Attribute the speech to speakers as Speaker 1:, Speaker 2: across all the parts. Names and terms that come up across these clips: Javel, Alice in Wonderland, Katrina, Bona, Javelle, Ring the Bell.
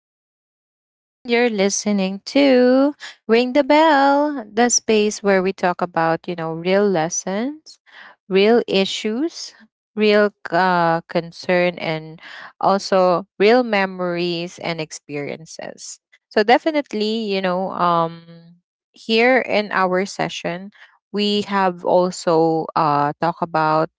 Speaker 1: Javelle. And you're listening to Ring the Bell, the space where we talk about, real lessons, real issues, real concern, and also real memories and experiences. So, definitely, here in our session, we have also talk about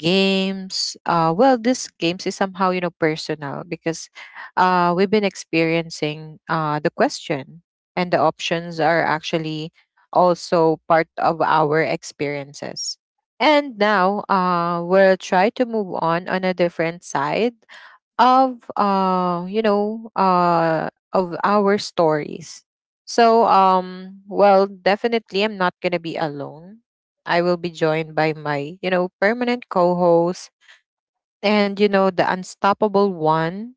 Speaker 1: games. Well, this games is somehow, you know, personal because we've been experiencing the question, and the options are actually also part of our experiences. And now we'll try to move on a different side of, uh, you know, of our stories. So well, definitely, I'm not gonna be alone. I will be joined by my, you know, permanent co-host, and, you know, the unstoppable one.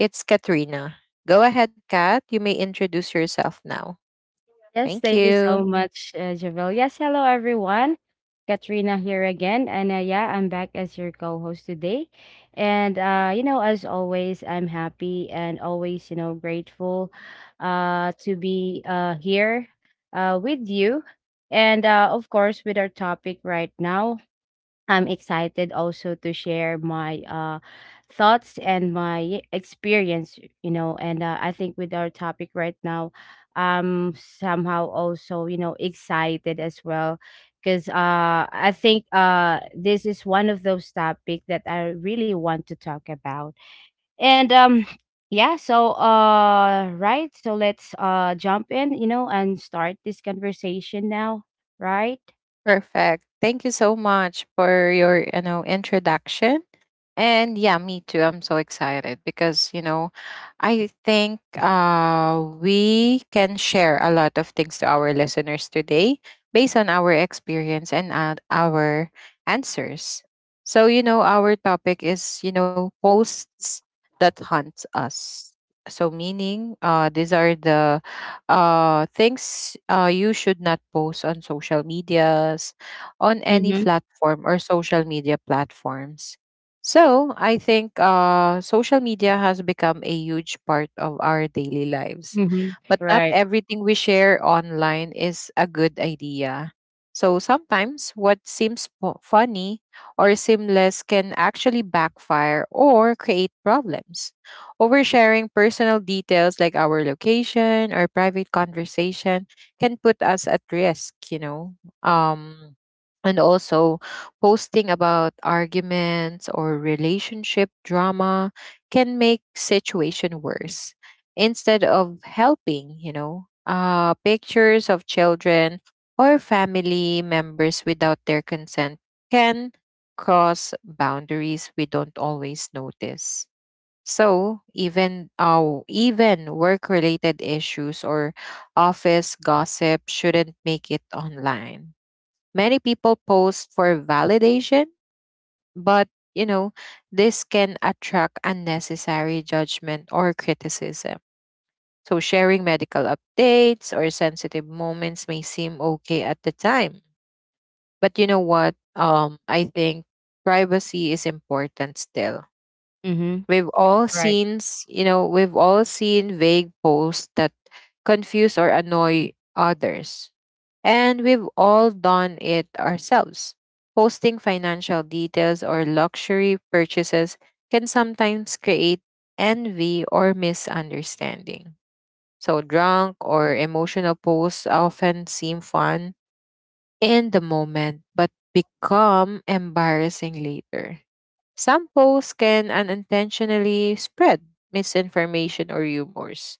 Speaker 1: It's Katrina. Go ahead, Kat, you may introduce yourself now.
Speaker 2: Yes,
Speaker 1: Thank
Speaker 2: thank you so
Speaker 1: you.
Speaker 2: much, Javel. Yes, hello everyone. Katrina here again, and yeah, I'm back as your co-host today. And as always, I'm happy and always, grateful to be here with you. And of course, with our topic right now, I'm excited also to share my thoughts and my experience. And I think with our topic right now, I'm somehow also, excited as well. Because I think this is one of those topics that I really want to talk about. And yeah, so right, so let's jump in, and start this conversation now, right?
Speaker 1: Perfect, thank you so much for your, you know, introduction. And yeah, me too. I'm so excited because, you know, I think we can share a lot of things to our listeners today based on our experience and our answers. So, you know, our topic is, you know, posts that haunt us. So, meaning, these are the things you should not post on social medias, on any
Speaker 2: Mm-hmm.
Speaker 1: platform or social media platforms. So I think social media has become a huge part of our daily lives.
Speaker 2: Mm-hmm.
Speaker 1: But not
Speaker 2: Right.
Speaker 1: everything we share online is a good idea. So sometimes what seems funny or seamless can actually backfire or create problems. Oversharing personal details like our location or private conversation can put us at risk, you know. Um, and also, posting about arguments or relationship drama can make situation worse instead of helping. You know, pictures of children or family members without their consent can cross boundaries we don't always notice. So even even work related issues or office gossip shouldn't make it online. Many people post for validation, but, you know, this can attract unnecessary judgment or criticism. So sharing medical updates or sensitive moments may seem okay at the time. But you know what? I think privacy is important still.
Speaker 2: Mm-hmm. Right.
Speaker 1: We've all seen vague posts that confuse or annoy others. And we've all done it ourselves. Posting financial details or luxury purchases can sometimes create envy or misunderstanding. So, drunk or emotional posts often seem fun in the moment, but become embarrassing later. Some posts can unintentionally spread misinformation or rumors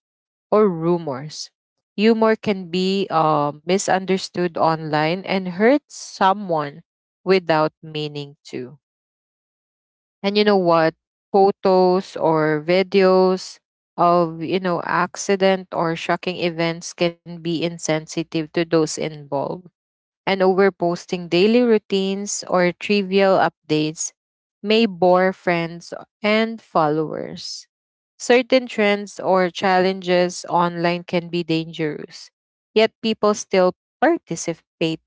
Speaker 1: or rumors. Humor can be misunderstood online and hurt someone without meaning to. And you know what? Photos or videos of, you know, accident or shocking events can be insensitive to those involved, and overposting daily routines or trivial updates may bore friends and followers. Certain trends or challenges online can be dangerous, yet people still participate.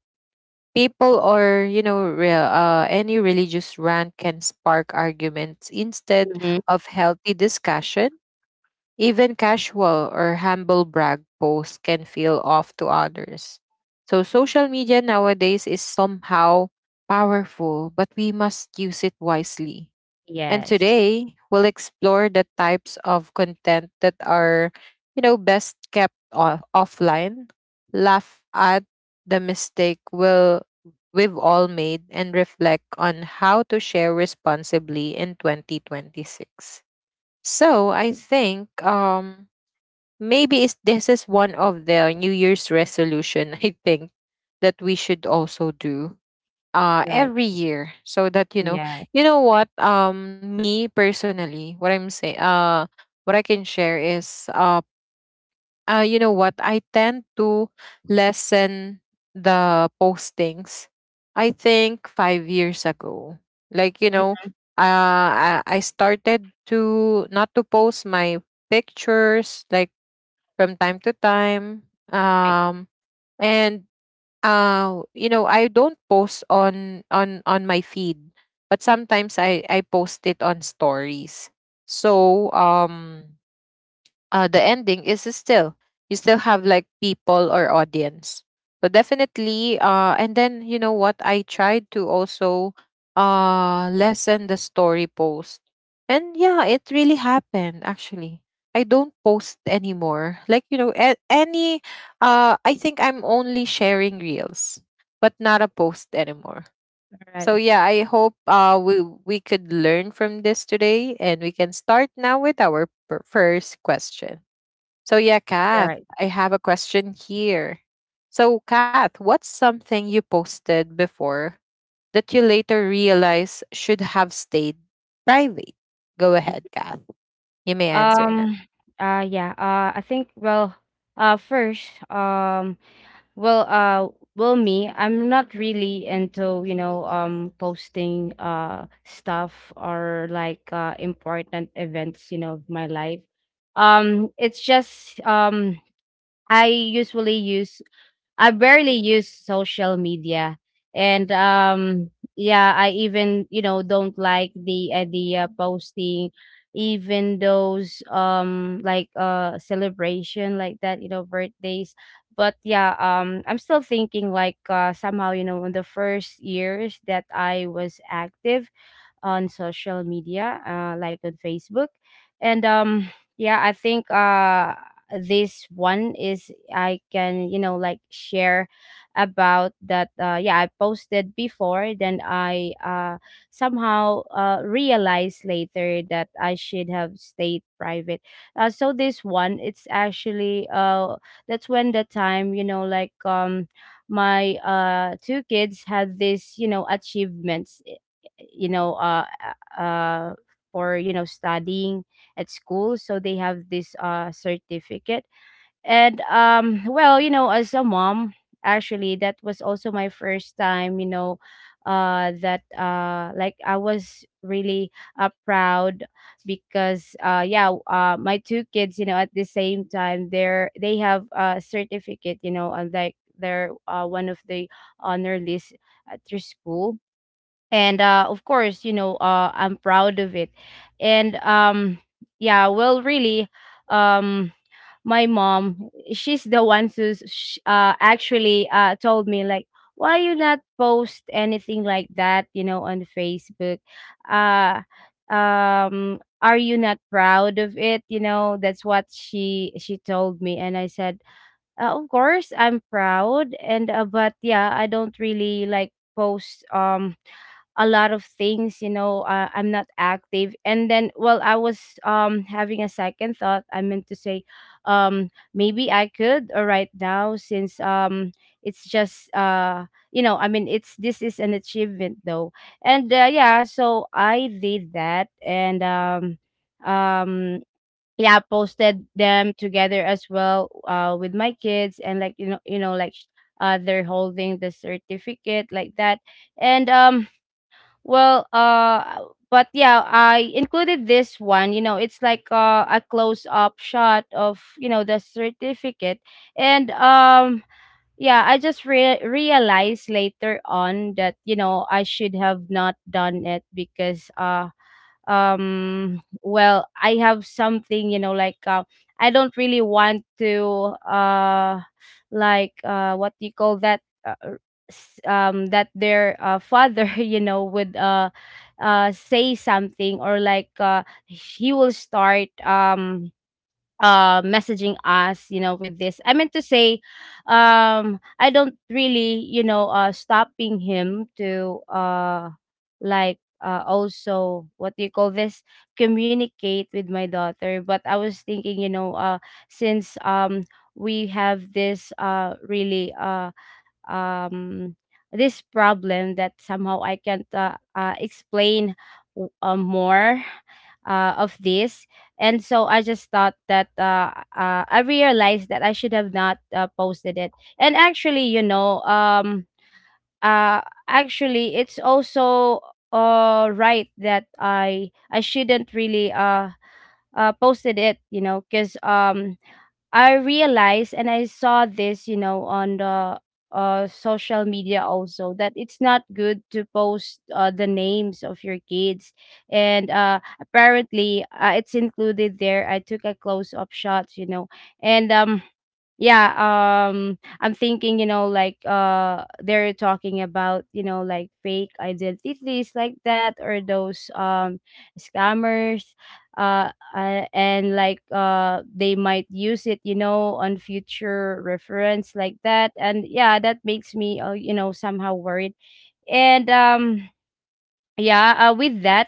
Speaker 1: People, or, you know, any religious rant can spark arguments instead
Speaker 2: Mhm.
Speaker 1: of healthy discussion. Even casual or humble brag posts can feel off to others. So social media nowadays is somehow powerful, but we must use it wisely. And
Speaker 2: Yes.
Speaker 1: today, we'll explore the types of content that are, you know, best kept offline, laugh at the we've all made, and reflect on how to share responsibly in 2026. So I think maybe this is one of the New Year's resolution I think that we should also do
Speaker 2: Right.
Speaker 1: every year, so that, you know,
Speaker 2: Yeah.
Speaker 1: you know what, me personally, what I'm saying, what I can share is, you know what? I tend to lessen the postings. I think 5 years ago, like, you know,
Speaker 2: Mhm.
Speaker 1: I started to not to post my pictures like from time to time.
Speaker 2: Right.
Speaker 1: And you know, I don't post on my feed, but sometimes I post it on stories. So the ending is still, you still have like people or audience. So definitely and then, you know what, I tried to also lessen the story post. And yeah, it really happened. Actually, I don't post anymore, like, you know, any I think I'm only sharing reels but not a post anymore. So
Speaker 2: Right.
Speaker 1: yeah, I hope we could learn from this today, and we can start now with our first question. So, yeah, Kath,
Speaker 2: Right.
Speaker 1: I have a question here. So, Kath, what's something you posted before that you later realize should have stayed private? Go
Speaker 2: Mhm.
Speaker 1: ahead, Kath. You may answer now.
Speaker 2: Um, yeah, I think, well, first, well, well, me, I'm not really into, posting, stuff, or like, important events, of my life. It's just, I usually use I barely use social media, and yeah, I even don't like the idea posting, even those like celebration like that, birthdays. But yeah, I'm still thinking, like somehow, in the first years that I was active on social media, like on Facebook. And yeah, I think, this one is I can, like, share about that. Yeah, I posted before, then I, somehow, realized later that I should have stayed private. So this one, it's actually, that's when the time, like, my two kids had this, achievements, you know, uh, uh, uh, for studying at school. So they have this certificate. And well, as a mom, actually, that was also my first time. That, like, I was really proud, because yeah, my two kids, at the same time, they have a certificate, and like, they're, one of the honor list at their school. And of course, I'm proud of it. And yeah, well, really, um my mom, she's the one who's, actually, told me, like, "Why you not post anything like that, on Facebook? uh are you not proud of it?" That's what she told me, and I said, "Of course I'm proud." And but yeah, I don't really, like, post, a lot of things, I'm not active. And then, well, I was, having a second thought, I meant to say, maybe I could, or right now, since, it's just, I mean, it's this is an achievement though. And yeah, so I did that. And um um yeah, posted them together as well, with my kids, and like, like, they're holding the certificate like that. And well, but yeah, I included this one. It's like, a close up shot of, the certificate, and, yeah, I just, realized later on that, I should have not done it. Because, well, I have something, like, I don't really want to, like, what do you call that, that their, father would, say something, or like, he will start, messaging us, with this, I meant to say, I don't really, stopping him to, like, also, what do you call this, communicate with my daughter. But I was thinking, since, we have this really um this problem that somehow I can't, explain, more, of this. And so I just thought that, I realized that I should have not, posted it. And actually, uh, actually, it's also, right that I shouldn't really, posted it, because, I realized and I saw this, on the, social media also, that it's not good to post, the names of your kids. And apparently, it's included there. I took a close up shot, and, yeah, I'm thinking, like, they're talking about, like, fake identities like that, or those, scammers. And like, they might use it, on future reference like that, and yeah, that makes me, somehow worried. And, yeah, with that,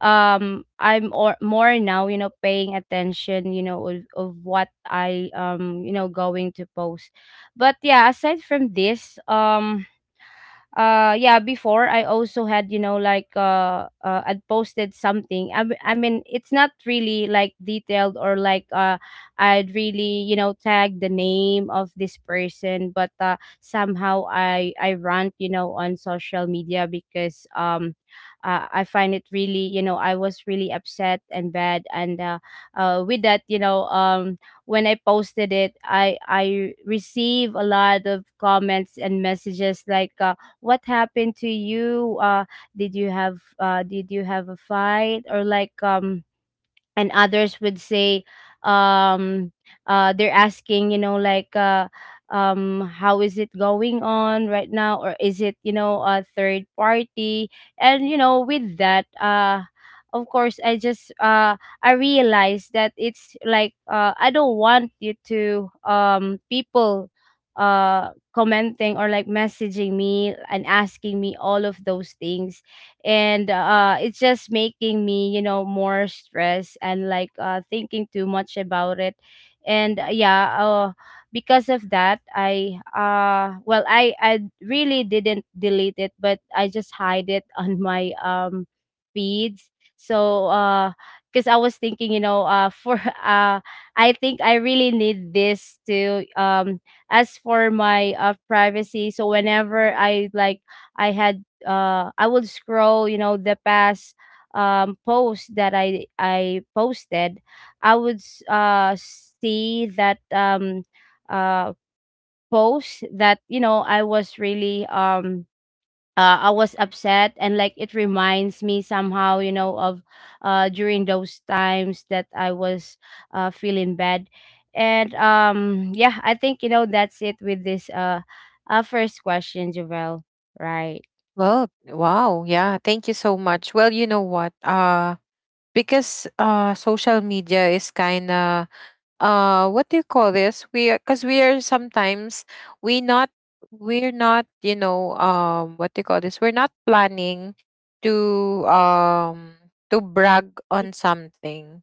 Speaker 2: I'm, or, more now, paying attention, of what I, going to post. But yeah, aside from this, yeah, before, I also had, like, I'd posted something. I mean, it's not really, like, detailed, or like, I'd really, tag the name of this person, but, somehow, I rant, on social media, because, I find it really, I was really upset and bad. And, with that, when I posted it, I receive a lot of comments and messages, like, "What happened to you? Did you have a fight?" Or like, and others would say, um they're asking, like, "How is it going on right now?" Or is it, a third party? And, with that, of course, I just, I realized that it's like, I don't want, you, to, people, commenting or like messaging me and asking me all of those things. And it's just making me, more stressed, and like, thinking too much about it. And, yeah, because of that, I, well, I really didn't delete it, but I just hide it on my, feeds. So, because I was thinking, for uh I think I really need this to, as for my, privacy. So whenever I, like, I had, I would scroll, the past, post that I posted, I would, see that, uh post that, I was really, I was upset, and like it reminds me somehow, of, during those times that I was, feeling bad. And, yeah, I think, that's it with this, first question, Javel. Right.
Speaker 1: Well, wow, yeah, thank you so much. Well, you know what? Because social media is kind of what do you call this? We are, because we are sometimes we not we're not, you know, what do you call this? We're not planning to um to brag on something.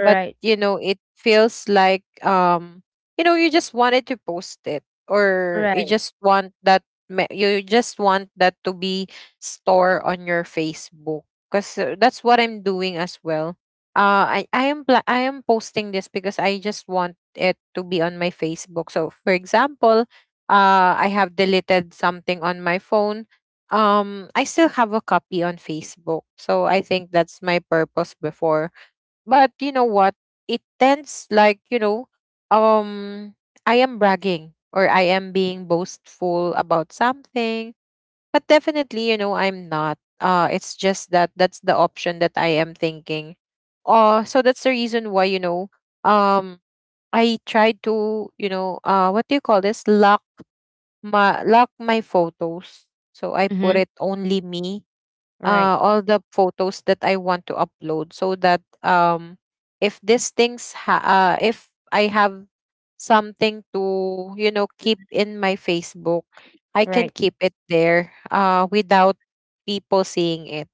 Speaker 1: But you know, it feels like, you know, you just wanted to post it, or you
Speaker 2: Right.
Speaker 1: just want that, you just want that to be store on your Facebook. Because that's what I'm doing as well. I am I am posting this because I just want it to be on my Facebook. So for example, I have deleted something on my phone. I still have a copy on Facebook. So I think that's my purpose before. But you know what? It tends like, you know, um I am bragging or I am being boastful about something. But definitely, you know, I'm not. It's just that that's the option that I am thinking. So that's the reason why, you know, um I tried to, you know, what do you call this? Lock my, lock my photos. So I put
Speaker 2: Mhm.
Speaker 1: it only me,
Speaker 2: Right.
Speaker 1: all the photos that I want to upload, so that if these things if I have something to, you know, keep in my Facebook, I can
Speaker 2: Right.
Speaker 1: keep it there without people seeing it,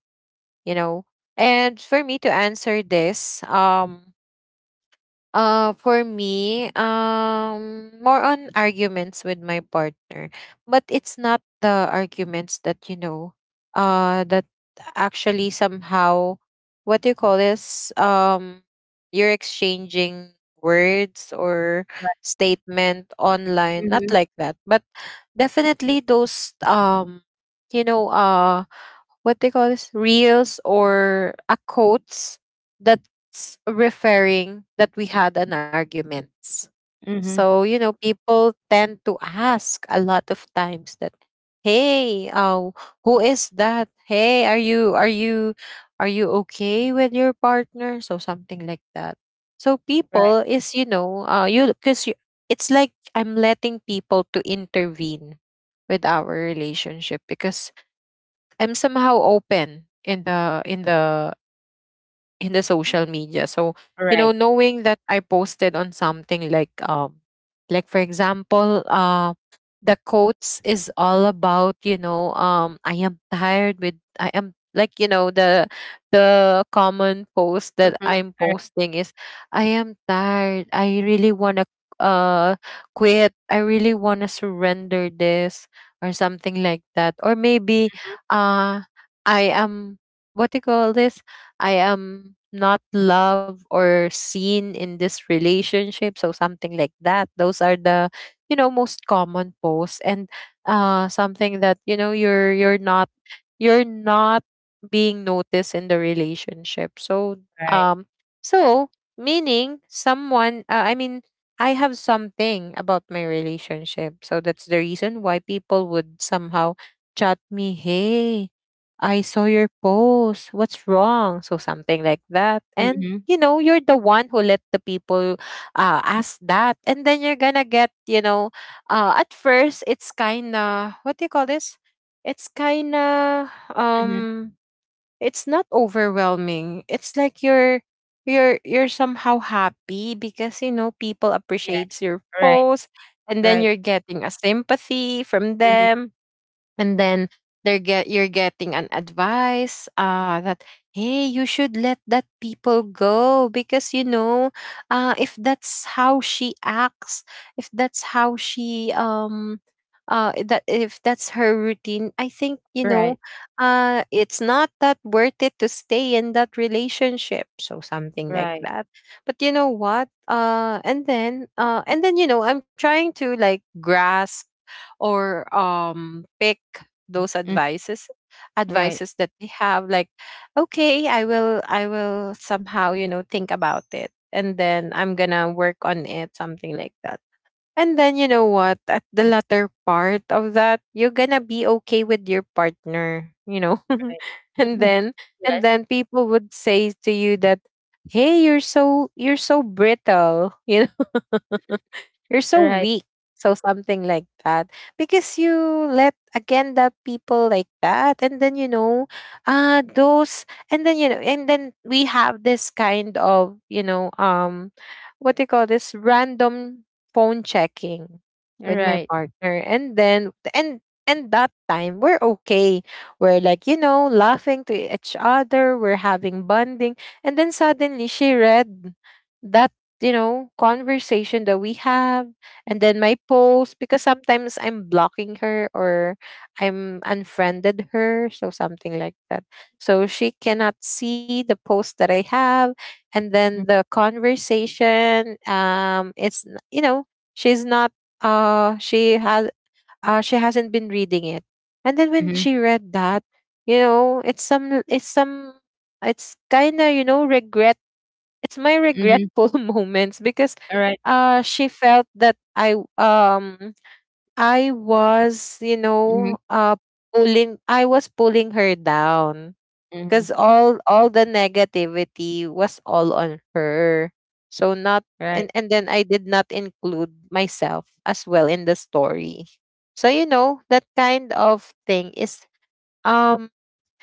Speaker 1: you know. And for me to answer this, for me, more on arguments with my partner. But it's not the arguments that, you know, that actually somehow, what do you call this? You're exchanging words or
Speaker 2: Right.
Speaker 1: statement online, not
Speaker 2: Mhm.
Speaker 1: like that, but definitely those, you know, what they call this, reels or a quotes that's referring that we had an arguments.
Speaker 2: Mhm.
Speaker 1: So you know, people tend to ask a lot of times that, "Hey, who is that? Hey, are you are you okay with your partner?" So something like that. So
Speaker 2: Right.
Speaker 1: people is, you know, it's like I'm letting people to intervene with our relationship because I'm somehow open in the social media. So, you know,
Speaker 2: Right.
Speaker 1: knowing that I posted on something like for example, the quotes is all about, you know, I am tired with, I am like, you know, the common post
Speaker 2: Mhm.
Speaker 1: that I'm
Speaker 2: Right.
Speaker 1: posting is I am tired. I really wanna uh quit. I really wanna surrender this or something like that. Or maybe
Speaker 2: Mhm.
Speaker 1: uh I am, what do you call this? I am not loved or seen in this relationship. So something like that. Those are the, you know, most common posts. And something that, you know, you're not being noticed in the relationship. So
Speaker 2: Right.
Speaker 1: um so meaning someone, I mean, I have something about my relationship. So that's the reason why people would somehow chat me, "Hey, I saw your post. What's wrong?" So something like that. And
Speaker 2: Mhm.
Speaker 1: you know, you're the one who let the people ask that. And then you're gonna get, you know, at first it's kind of, what do you call this? It's kind of,
Speaker 2: Mhm.
Speaker 1: um it's not overwhelming. It's like you're, you're somehow happy because, you know, people
Speaker 2: Yes.
Speaker 1: appreciates your
Speaker 2: Right.
Speaker 1: post. And then
Speaker 2: Right.
Speaker 1: you're getting a sympathy from
Speaker 2: Mhm.
Speaker 1: them. And then they're get you're getting an advice, that hey, you should let that people go because, you know, if that's how she acts, if that's how she, that if that's her routine, I think, you know,
Speaker 2: Right.
Speaker 1: it's not that worth it to stay in that relationship. So something like
Speaker 2: Right.
Speaker 1: that. But you know what, and then, you know, I'm trying to like grasp or pick those
Speaker 2: Mhm.
Speaker 1: advices,
Speaker 2: Right.
Speaker 1: advices that they have, like okay, I will somehow, you know, think about it, and then I'm gonna work on it, something like that. And then you know what, at the latter part of that, you're gonna be okay with your partner, you know,
Speaker 2: Right.
Speaker 1: and
Speaker 2: Mhm.
Speaker 1: then, and
Speaker 2: Yes.
Speaker 1: then people would say to you that hey, you're so brittle, you, you're so
Speaker 2: Right.
Speaker 1: weak. So something like that. Because you let agenda people like that. And then, you know, those and then you know and then we have this kind of, what do you call this? Random phone checking with my
Speaker 2: Right.
Speaker 1: partner. And then and that time we're okay. We're like, laughing to each other, we're having bonding. And then suddenly she read that conversation that we have, and then my posts, because sometimes I'm blocking her or I'm unfriended her, so something like that. So she cannot see the posts that I have, and
Speaker 2: Mhm.
Speaker 1: then the conversation, it's n- you know, she's not she has she hasn't been reading it. And then when
Speaker 2: Mhm.
Speaker 1: she read that, you know, it's some it's some it's kind of regret, it's my
Speaker 2: Mhm.
Speaker 1: regretful moments because
Speaker 2: Right.
Speaker 1: she felt that I was, you
Speaker 2: Mhm.
Speaker 1: know, pulling I was pulling her down because
Speaker 2: Mhm.
Speaker 1: all the negativity was all on her. So not
Speaker 2: Right.
Speaker 1: and and then I did not include myself as well in the story. So that kind of thing is um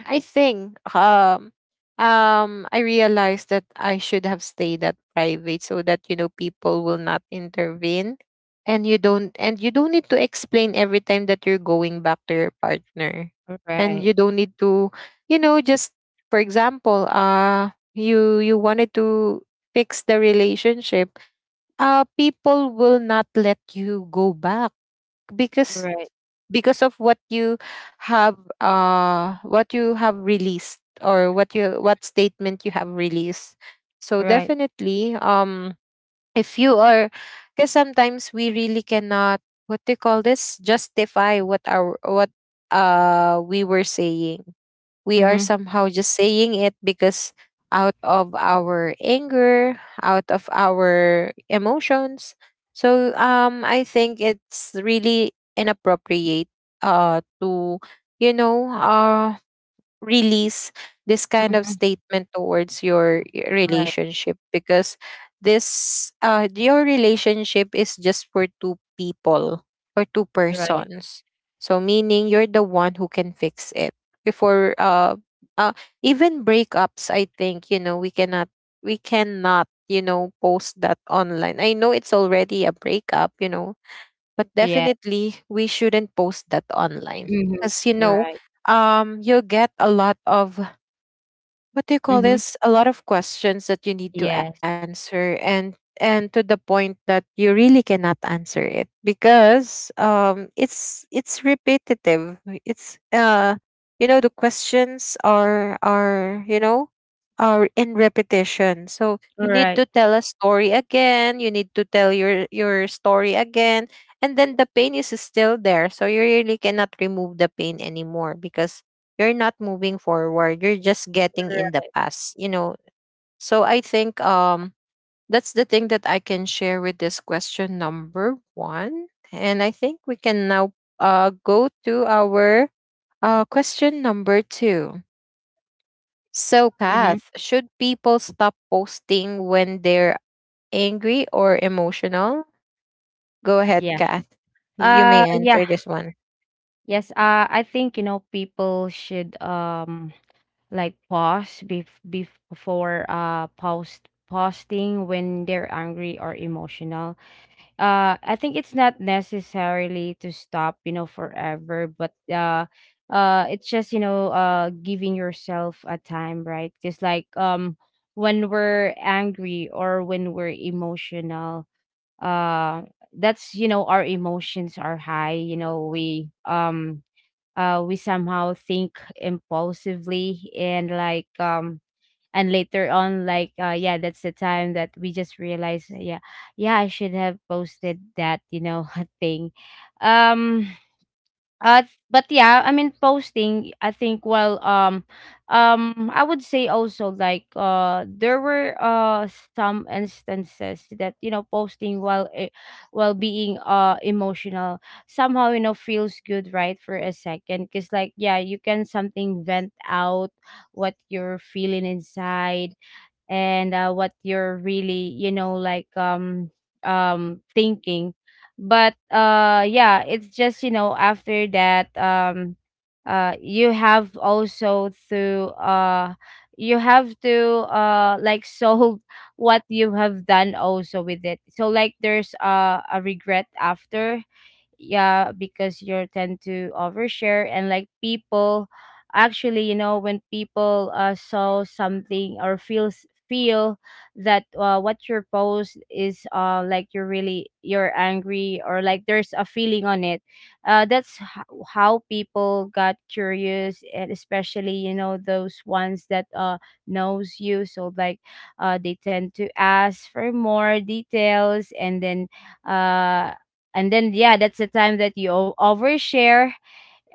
Speaker 1: I think um I realized that I should have stayed at private, so that you know people will not intervene, and you don't need to explain every time that you're going back to your partner, and
Speaker 2: Right.
Speaker 1: you don't need to, just for example, you wanted to fix the relationship, people will not let you go back because
Speaker 2: Right.
Speaker 1: of what you have released, or what you what statement you have released. So
Speaker 2: Right.
Speaker 1: definitely, if you are, because sometimes we really cannot, what do you call this, justify what we were saying. We are
Speaker 2: Mhm.
Speaker 1: somehow just saying it because out of our anger, out of our emotions. So I think it's really inappropriate to, you know uh release this kind of
Speaker 2: Mhm.
Speaker 1: statement towards
Speaker 2: Right.
Speaker 1: relationship, because this your relationship is just for two people, or two
Speaker 2: Right.
Speaker 1: persons, so meaning you're the one who can fix it before uh even breakups. I think you know we cannot, you know, post that online. I know it's already a breakup, you know, but
Speaker 2: Yeah.
Speaker 1: definitely we shouldn't post that online,
Speaker 2: Mhm.
Speaker 1: because you know,
Speaker 2: Right.
Speaker 1: you'll get a lot of, what do you call
Speaker 2: Mhm.
Speaker 1: this, a lot of questions that you need to
Speaker 2: Yes.
Speaker 1: answer, and to the point that you really cannot answer it, because it's repetitive. It's you know, the questions are, are in repetition, so you need
Speaker 2: Right.
Speaker 1: to tell a story again, you need to tell your story again, and then the pain is still there, so you really cannot remove the pain anymore because you're not moving forward, you're just getting in the
Speaker 2: Right.
Speaker 1: past, you know. So I think, that's the thing that I can share with this question number one, and I think we can now go to our question number two. So
Speaker 2: Mhm.
Speaker 1: Kath, should people stop posting when they're angry or emotional? Go ahead,
Speaker 2: Yeah.
Speaker 1: Kath, you may
Speaker 2: Yeah.
Speaker 1: answer this one.
Speaker 2: Yes, I think, people should, like, pause, before, posting, when they're angry or emotional. I think it's not necessarily to stop, forever, but, it's just, giving yourself a time, right? Just like, when we're angry or when we're emotional, uh, that's, our emotions are high. We, somehow think impulsively, and like, and later on, like, yeah, that's the time that we just realize, yeah, yeah, I should have posted that, thing. um uh, but yeah, I mean posting. I think, well, I would say also, like, there were some instances that, you know, posting while while being emotional somehow, you know, feels good, right, for a second, because, like, yeah, you can something vent out what you're feeling inside. And what you're really, you know, like thinking. But yeah, it's just, you know, after that, you have also to you have to, uh, like solve what you have done also with it. So, like, there's a regret after, yeah, because you're tend to overshare. And like people, actually, you know, when people saw something or feel that what your post is, like, you're really, you're angry, or like there's a feeling on it, that's how people got curious, and especially, you know, those ones that knows you. So like, they tend to ask for more details, and then, uh and then yeah, that's the time that you overshare,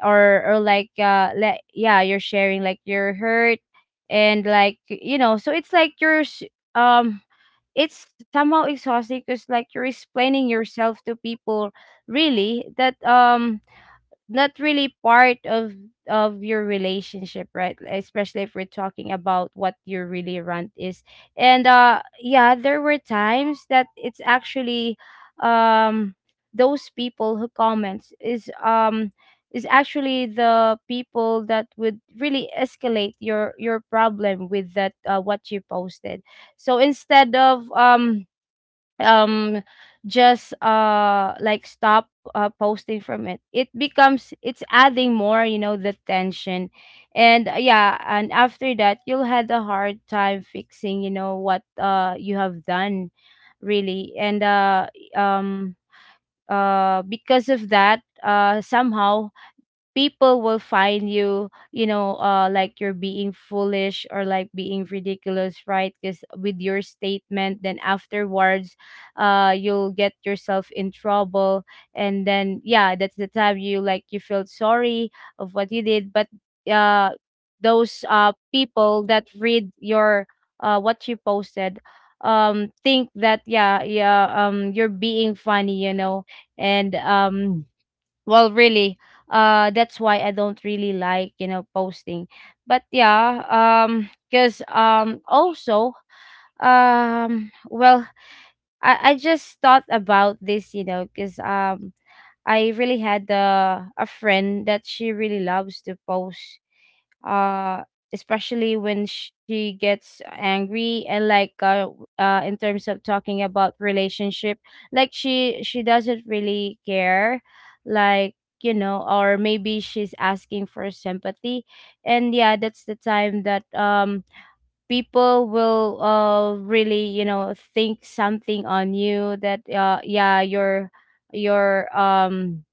Speaker 2: or like, like, yeah, you're sharing, like, your hurt. And, like, you know, so it's like you're um it's somehow exhausting, because, like, you're explaining yourself to people, really, that not really part of your relationship, right? Especially if we're talking about what you really want is. And yeah, there were times that it's actually, um those people who comments is, is actually the people that would really escalate your problem with that, what you posted. So, instead of um just, like, stop posting from it, it becomes, it's adding more, you know, the tension. And yeah, and after that you'll had a hard time fixing, you know, what you have done, really. And um because of that, somehow people will find you, you know, like, you're being foolish, or like being ridiculous, right? Because with your statement, then afterwards, you'll get yourself in trouble. And then, yeah, that's the time you, like, you feel sorry of what you did. But uh those people that read your what you posted, think that, yeah, yeah, you're being funny, you know. And well, really, that's why I don't really like, you know, posting. But yeah, because also, well, I just thought about this, you know, because I really had, a friend that she really loves to post, uh especially when she gets angry. And, like, in terms of talking about relationship, like, she doesn't really care, like, you know, or maybe she's asking for sympathy. And yeah, that's the time that people will really, you know, think something on you, that yeah, you're, you're um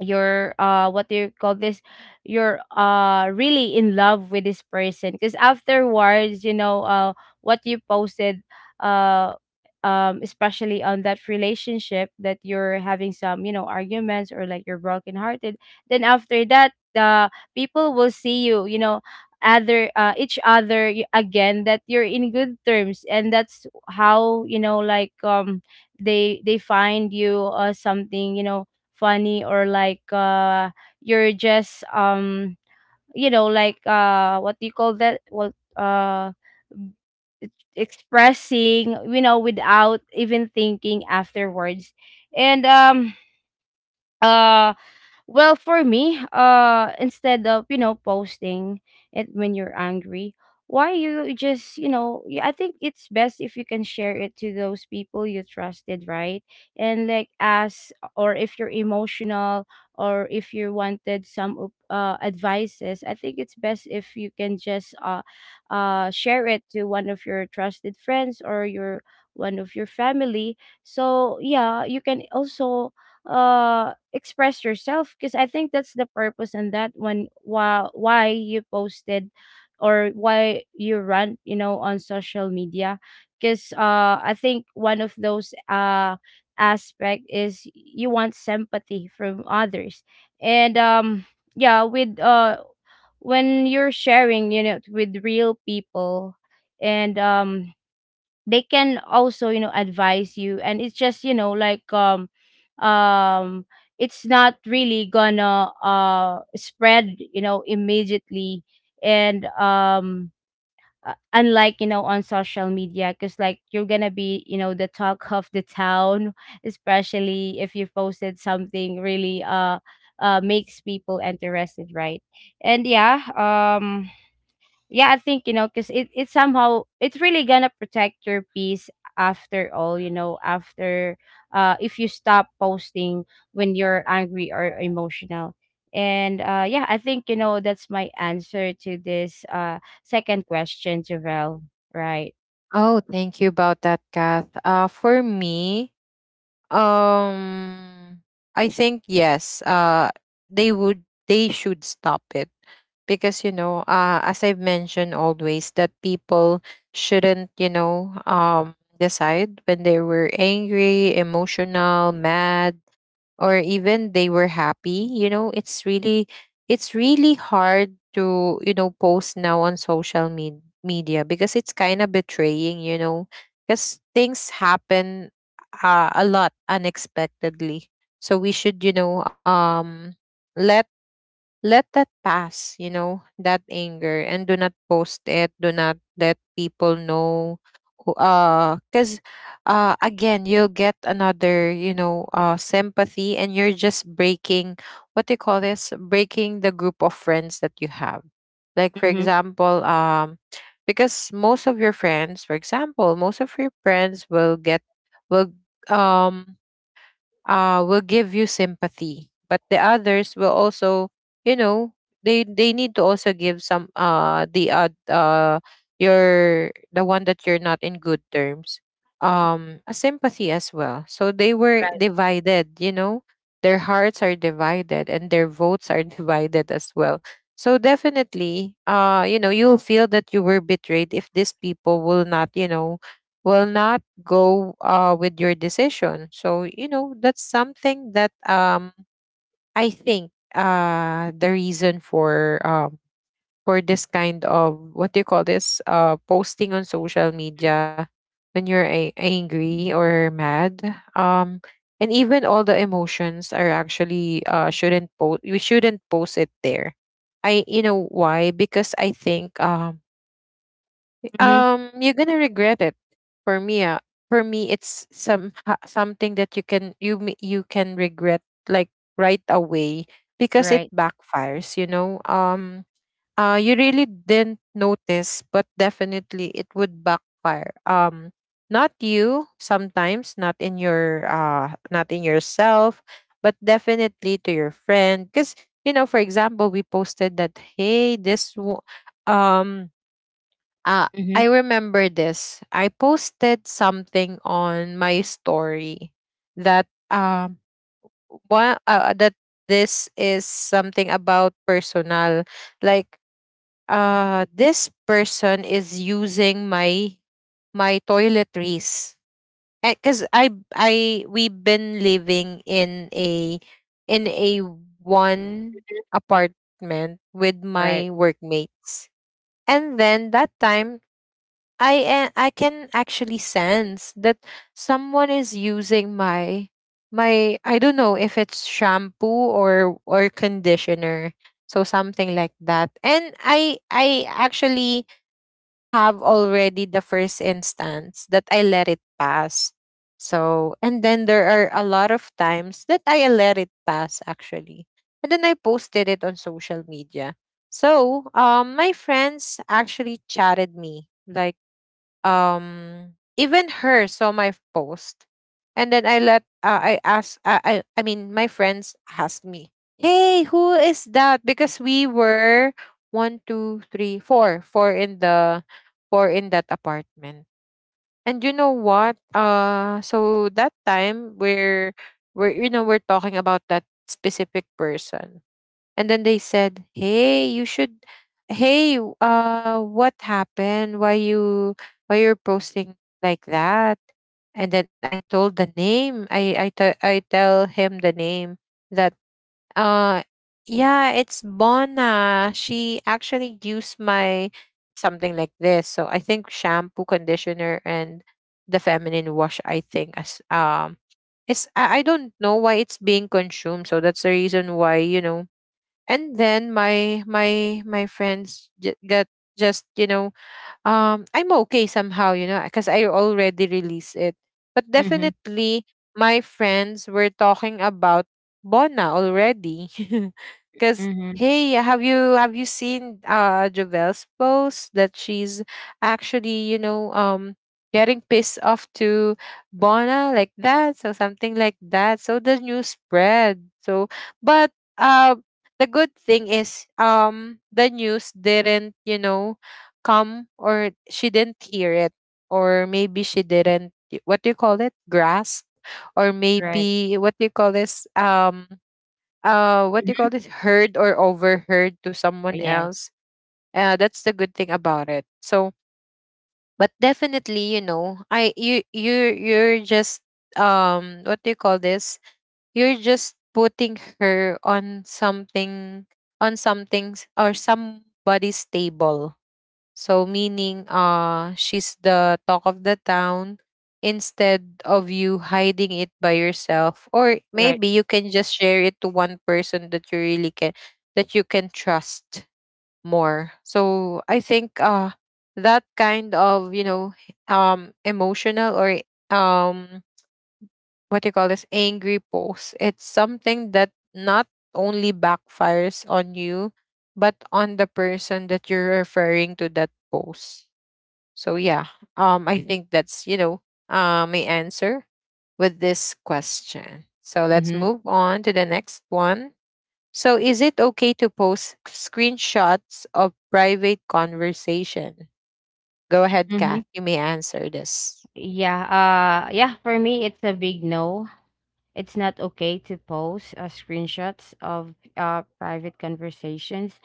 Speaker 2: you're, what do you call this, you're, really in love with this person, because afterwards, you know, what you posted, uh especially on that relationship that you're having some, you know, arguments, or like, you're brokenhearted. Then after that, the people will see you, you know, other, each other, again, that you're in good terms. And that's how, you know, like, they find you something, you know, funny, or like, you're just, you know, like, what do you call that, well, expressing, you know, without even thinking afterwards. And uh well, for me, instead of, you know, posting it when you're angry, why you just, you know, I think it's best if you can share it to those people you trusted, right? And like, ask, or if you're emotional, or if you wanted some advices, I think it's best if you can just share it to one of your trusted friends, or your one of your family. So yeah, you can also express yourself, because I think that's the purpose in that one, why you posted, or why you run, you know, on social media. Because I think one of those aspect is, you want sympathy from others. And yeah, with when you're sharing, you know, with real people. And they can also, you know, advise you. And it's just, you know, like, um it's not really gonna spread, you know, immediately. And unlike, you know, on social media, because, like, you're gonna be, you know, the talk of the town, especially if you posted something really makes people interested, right? And yeah, yeah, I think, you know, because it somehow, it's really gonna protect your peace, after all, you know, after, if you stop posting when you're angry or emotional. And yeah, I think, you know, that's my answer to this second question, Javel. Right.
Speaker 1: Oh, thank you about that, Kath. For me, Um, I think yes. They would. They should stop it because you know, as I've mentioned always, that people shouldn't, you know, decide when they were angry, emotional, mad, or even they were happy. You know, it's really hard to, you know, post now on social media, because it's kind of betraying, you know, because things happen a lot unexpectedly. So we should, you know, let, that pass, you know, that anger, and do not post it, do not let people know who, cuz again, you'll get another, you know, sympathy, and you're just breaking, what do you call this, breaking the group of friends that you have. Like for
Speaker 2: Mm-hmm.
Speaker 1: example, because most of your friends, for example, most of your friends will get, will um will give you sympathy, but the others will also, you know, they need to also give some the your, the one that you're not in good terms, a sympathy as well. So they were
Speaker 2: Right.
Speaker 1: divided, you know, their hearts are divided and their votes are divided as well. So definitely, you know, you'll feel that you were betrayed if these people will not, you know, will not go with your decision. So, you know, that's something that, I think, the reason for, for this kind of, what do you call this, posting on social media when you're angry or mad. Um, and even all the emotions are actually, shouldn't post. We shouldn't post it there. I, you know why? Because I think,
Speaker 2: Mm-hmm.
Speaker 1: you're gonna regret it. For me, uh, for me, it's some something that you can, you can regret, like, right away, because it
Speaker 2: Right.
Speaker 1: backfires. You know, you really didn't notice, but definitely it would backfire. Not you sometimes, not in your not in yourself, but definitely to your friend. Because, you know, for example, we posted that hey, um uh,
Speaker 2: Mm-hmm.
Speaker 1: I remember this. I posted something on my story that, one that this is something about personal, like, this person is using my, my toiletries, because I we've been living in a, in a one apartment with
Speaker 2: Right.
Speaker 1: my workmates. And then that time, I I can actually sense that someone is using my, my, I don't know if it's shampoo or conditioner, so something like that. And I actually have already, the first instance that I let it pass, so, and then there are a lot of times that I let it pass actually, and then I posted it on social media. So my friends actually chatted me, like, um even her saw my post. And then I asked, my friends asked me, hey who is that, because we were one two three four four in the four in that apartment. And you know what, so that time we're you know, we're talking about that specific person. And then they said, "Hey, you should. Hey, what happened? Why you, why you're posting like that?" And then I told the name. I tell him the name that, uh yeah, it's Bona. She actually used my, something like this. So I think shampoo, conditioner, and the feminine wash. I think, as it's, I don't know why it's being consumed. So that's the reason why, you know. And then my friends j- get just, you know, I'm okay somehow, you know, because I already released it. But
Speaker 2: Mm-hmm.
Speaker 1: definitely my friends were talking about Bona already. Cause
Speaker 2: Mm-hmm.
Speaker 1: hey, have you seen Jovel's post that she's actually, you know, getting pissed off to Bona like that, so something like that. So the news spread. So, but uh the good thing is, the news didn't, you know, come, or she didn't hear it, or maybe she didn't, what do you call it, grasp, or
Speaker 2: Right.
Speaker 1: maybe, what do you call this, what do you call
Speaker 2: Mm.
Speaker 1: this, heard or overheard to someone
Speaker 2: Yes.
Speaker 1: else. That's the good thing about it. So, but definitely, you know, I you you you're just, what do you call this, you're just putting her on something, on something or somebody's table, so meaning she's the talk of the town, instead of you hiding it by yourself, or
Speaker 2: Right.
Speaker 1: maybe you can just share it to one person that you really can, that you can trust more. So I think, that kind of, you know, emotional or, um what do you call this, angry post, it's something that not only backfires on you but on the person that you're referring to that post. So yeah, I think that's, you know, my answer with this question. So let's
Speaker 2: Mm-hmm.
Speaker 1: move on to the next one. So is it okay to post screenshots of private conversation? Go ahead,
Speaker 2: Mm-hmm.
Speaker 1: Kath. You may answer this.
Speaker 2: Yeah, yeah, for me it's a big no. It's not okay to post screenshots of, private conversations.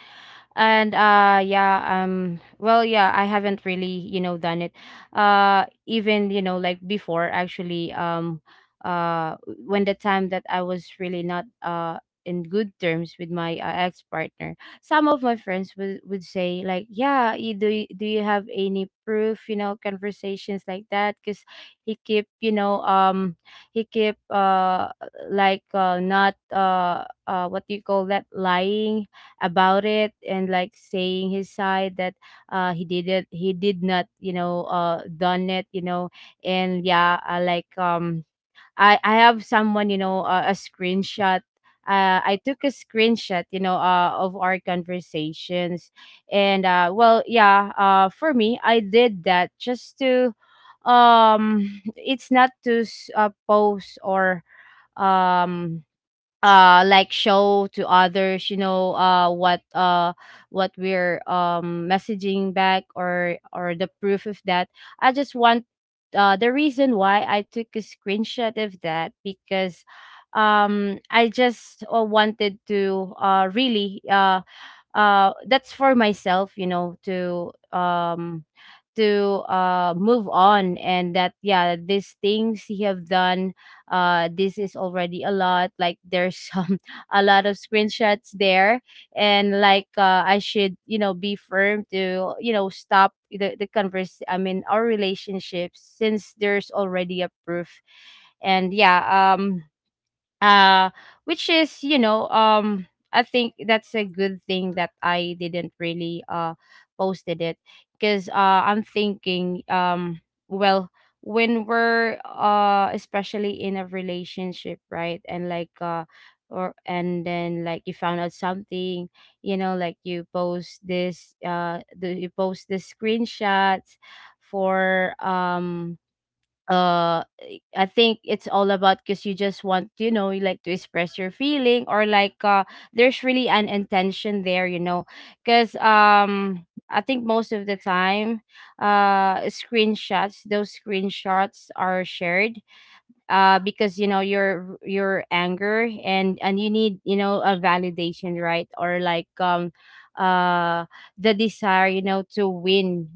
Speaker 2: And yeah, well, yeah, I haven't really, you know, done it, even, you know, like before, actually. Uh when the time that I was really not in good terms with my, ex-partner, some of my friends would, say, like, yeah, you, do, do you have any proof, you know, conversations, like that, because he keep, you know, he keep, like not what do you call that, lying about it, and like saying his side that he did it, he did not, you know, done it, you know. And yeah, like, I have someone, you know, a screenshot, I took a screenshot, you know, of our conversations. And well, yeah, for me, I did that just to, it's not to post, or um like, show to others, you know, what we're messaging back, or the proof of that. I just want, the reason why I took a screenshot of that, because I just, wanted to, really that's for myself, you know, to to, move on. And that yeah, these things he have done, this is already a lot, like there's some a lot of screenshots there. And like, I should, you know, be firm to, you know, stop the converse I mean our relationship, since there's already a proof. And yeah, um uh which is, you know, I think that's a good thing that I didn't really posted it. Because I'm thinking, well, when we're, especially in a relationship, right? And like, or and then, like, you found out something, you know, like you post you post the screenshots for I think it's all about, because you just want, you know, you like to express your feeling, or like, there's really an intention there, you know. Because I think most of the time, screenshots, those screenshots are shared, because, you know, your anger, and you need, you know, a validation, right? Or like, uh the desire, you know, to win.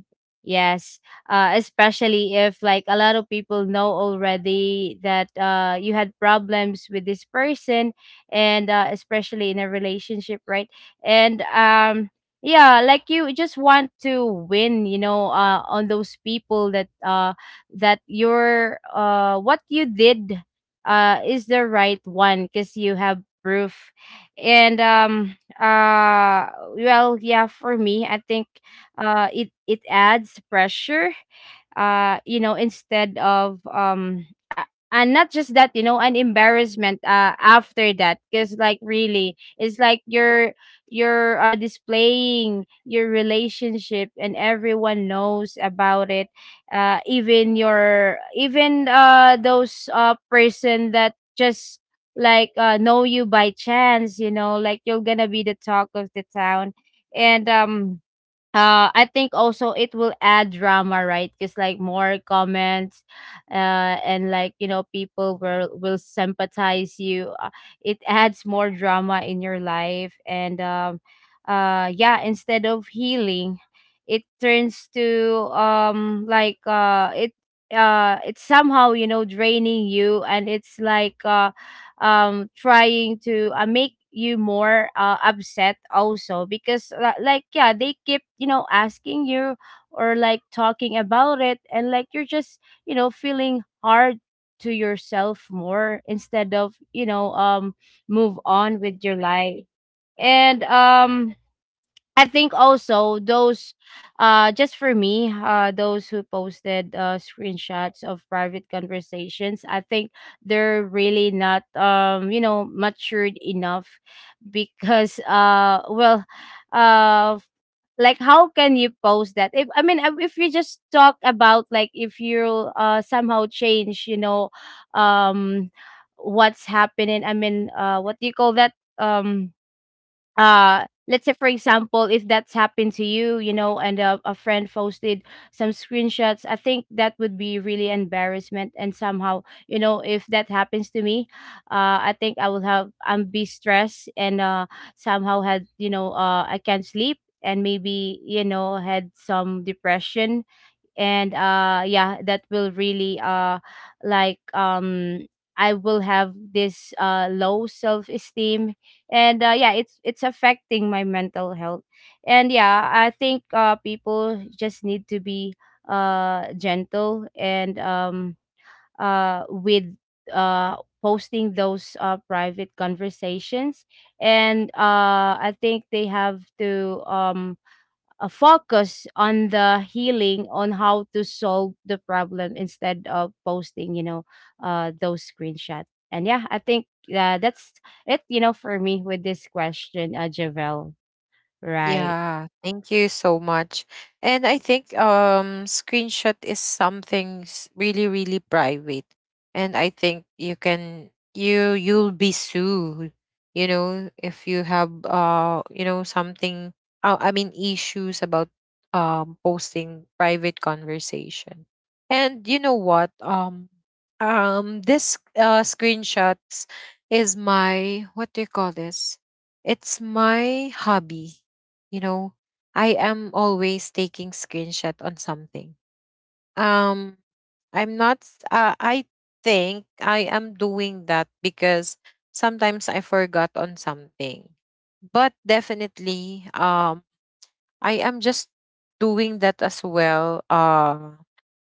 Speaker 2: Yes. Especially if like, a lot of people know already that, you had problems with this person. And especially in a relationship, right? And yeah, like, you just want to win, you know, on those people, that that your, what you did is the right one, because you have proof. And well, yeah, for me, I think, it adds pressure. You know, instead of a- and not just that, you know, an embarrassment after that, because, like, really, it's like you're, displaying your relationship, and everyone knows about it, even your, even those person that just like, know you by chance, you know, like, you're gonna be the talk of the town. And I think also it will add drama, right? Because, like, more comments, and like, you know, people will sympathize you. It adds more drama in your life. And yeah, instead of healing, it turns to, like, it's somehow, you know, draining you. And it's like, trying to, make you more, upset also, because, like, yeah, they keep, you know, asking you, or like, talking about it. And like, you're just, you know, feeling hard to yourself more, instead of, you know, move on with your life. And I think also those, just for me, those who posted, screenshots of private conversations, I think they're really not, you know, matured enough. Because, well, uh, like, how can you post that? If I mean, if you just talk about, like, if you, somehow change, you know, um, what's happening. I mean, what do you call that? Um let's say, for example, if that's happened to you, you know, and a friend posted some screenshots, I think that would be really embarrassment. And somehow, you know, if that happens to me, I think I will have I'm be stressed. And somehow had, you know, I can't sleep, and maybe, you know, had some depression. And yeah, that will really like um I will have this low self-esteem. And yeah, it's affecting my mental health. And yeah, I think people just need to be gentle and with uh posting those private conversations. And I think they have to focus on the healing, on how to solve the problem instead of posting, those screenshots. And yeah, I think that's it, you know, for me with this question, Javel, right?
Speaker 1: Yeah, thank you so much. And I think, screenshot is something really, really private. And I think you can, you'll be sued, you know, if you have you know, something, I mean, issues about posting private conversation. And you know what? This screenshots is my, what do you call this? It's my hobby, you know. I am always taking screenshot on something. um I'm not s- I think I am doing that because sometimes I forgot on something. But definitely, I am just doing that as well, uh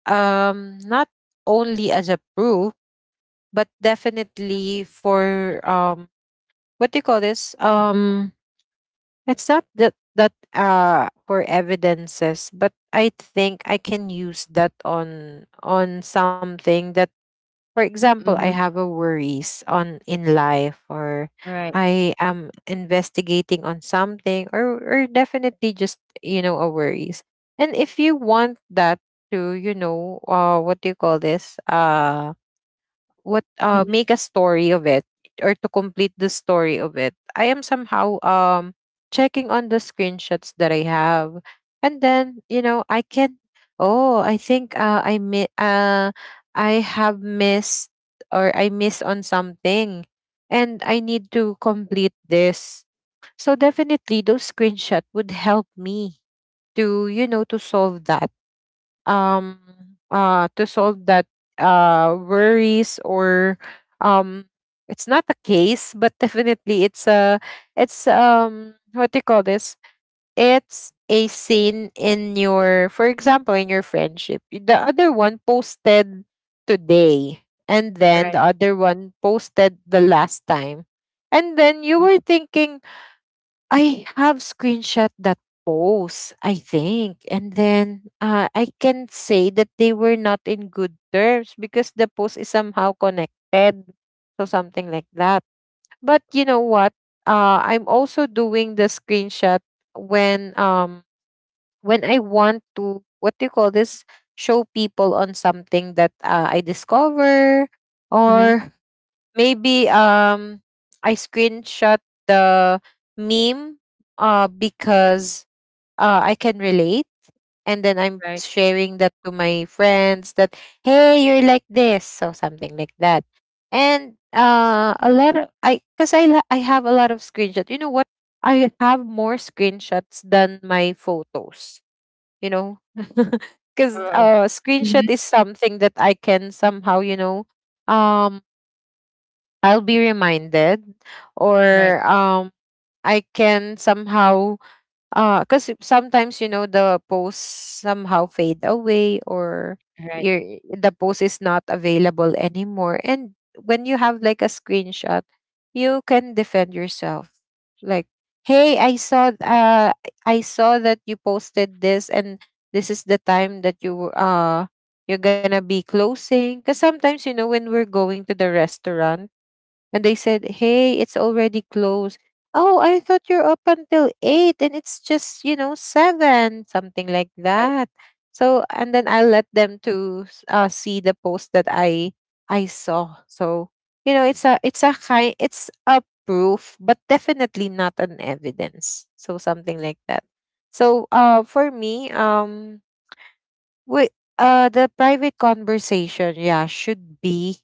Speaker 1: um not only as a proof, but definitely for, what do you call this, it's not that for evidences, but I think I can use that on something that, for example, I
Speaker 2: Mm-hmm.
Speaker 1: have a worries on in life, or
Speaker 2: Right.
Speaker 1: I am investigating on something, or definitely just, you know, a worries. And if you want that to, you know, what do you call this? What
Speaker 2: Mhm.
Speaker 1: Make a story of it or to complete the story of it, I am somehow, checking on the screenshots that I have. And then, you know, I can, oh, I think, I have missed, or I miss on something, and I need to complete this. So definitely those screenshots would help me to, you know, to solve that,
Speaker 2: Right.
Speaker 1: um to solve that, worries, or um it's not a case, but definitely it's a, it's, what do you call this, it's a scene in your, for example, in your friendship. The other one posted today, and then
Speaker 2: Right.
Speaker 1: the other one posted the last time, and then you were thinking, I have screenshot that post, I think. And then, I can say that they were not in good terms because the post is somehow connected. So something like that. But you know what? I'm also doing the screenshot when, when I want to, what do you call this? Show people on something that, I discover,
Speaker 2: Mm-hmm.
Speaker 1: or maybe, I screenshot the meme, because, I can relate. And then I'm
Speaker 2: Right.
Speaker 1: sharing that to my friends that, hey, you're like this, so something like that. And a lot of, I cuz I la- I have a lot of screenshots. You know what? I have more screenshots than my photos, you know. Cuz
Speaker 2: Right. Mm-hmm.
Speaker 1: Screenshot is something that I can somehow, you know, um I'll be reminded,
Speaker 2: Right.
Speaker 1: or I can somehow, cuz sometimes, you know, the posts somehow fade away, or
Speaker 2: Right.
Speaker 1: your, the post is not available anymore. And when you have like a screenshot, you can defend yourself, like, hey, I saw that you posted this, and this is the time that you, you're gonna be closing. Because sometimes, you know, when we're going to the restaurant, and they said, hey, it's already closed. Oh, I thought you're up until eight, and it's just, you know, seven, something like
Speaker 2: Right.
Speaker 1: that. So, and then I let them to see the post that I saw. So, you know, it's a, it's a kind, it's a proof, but definitely not an evidence. So something like that. So, for me, we, the private conversation, yeah, should be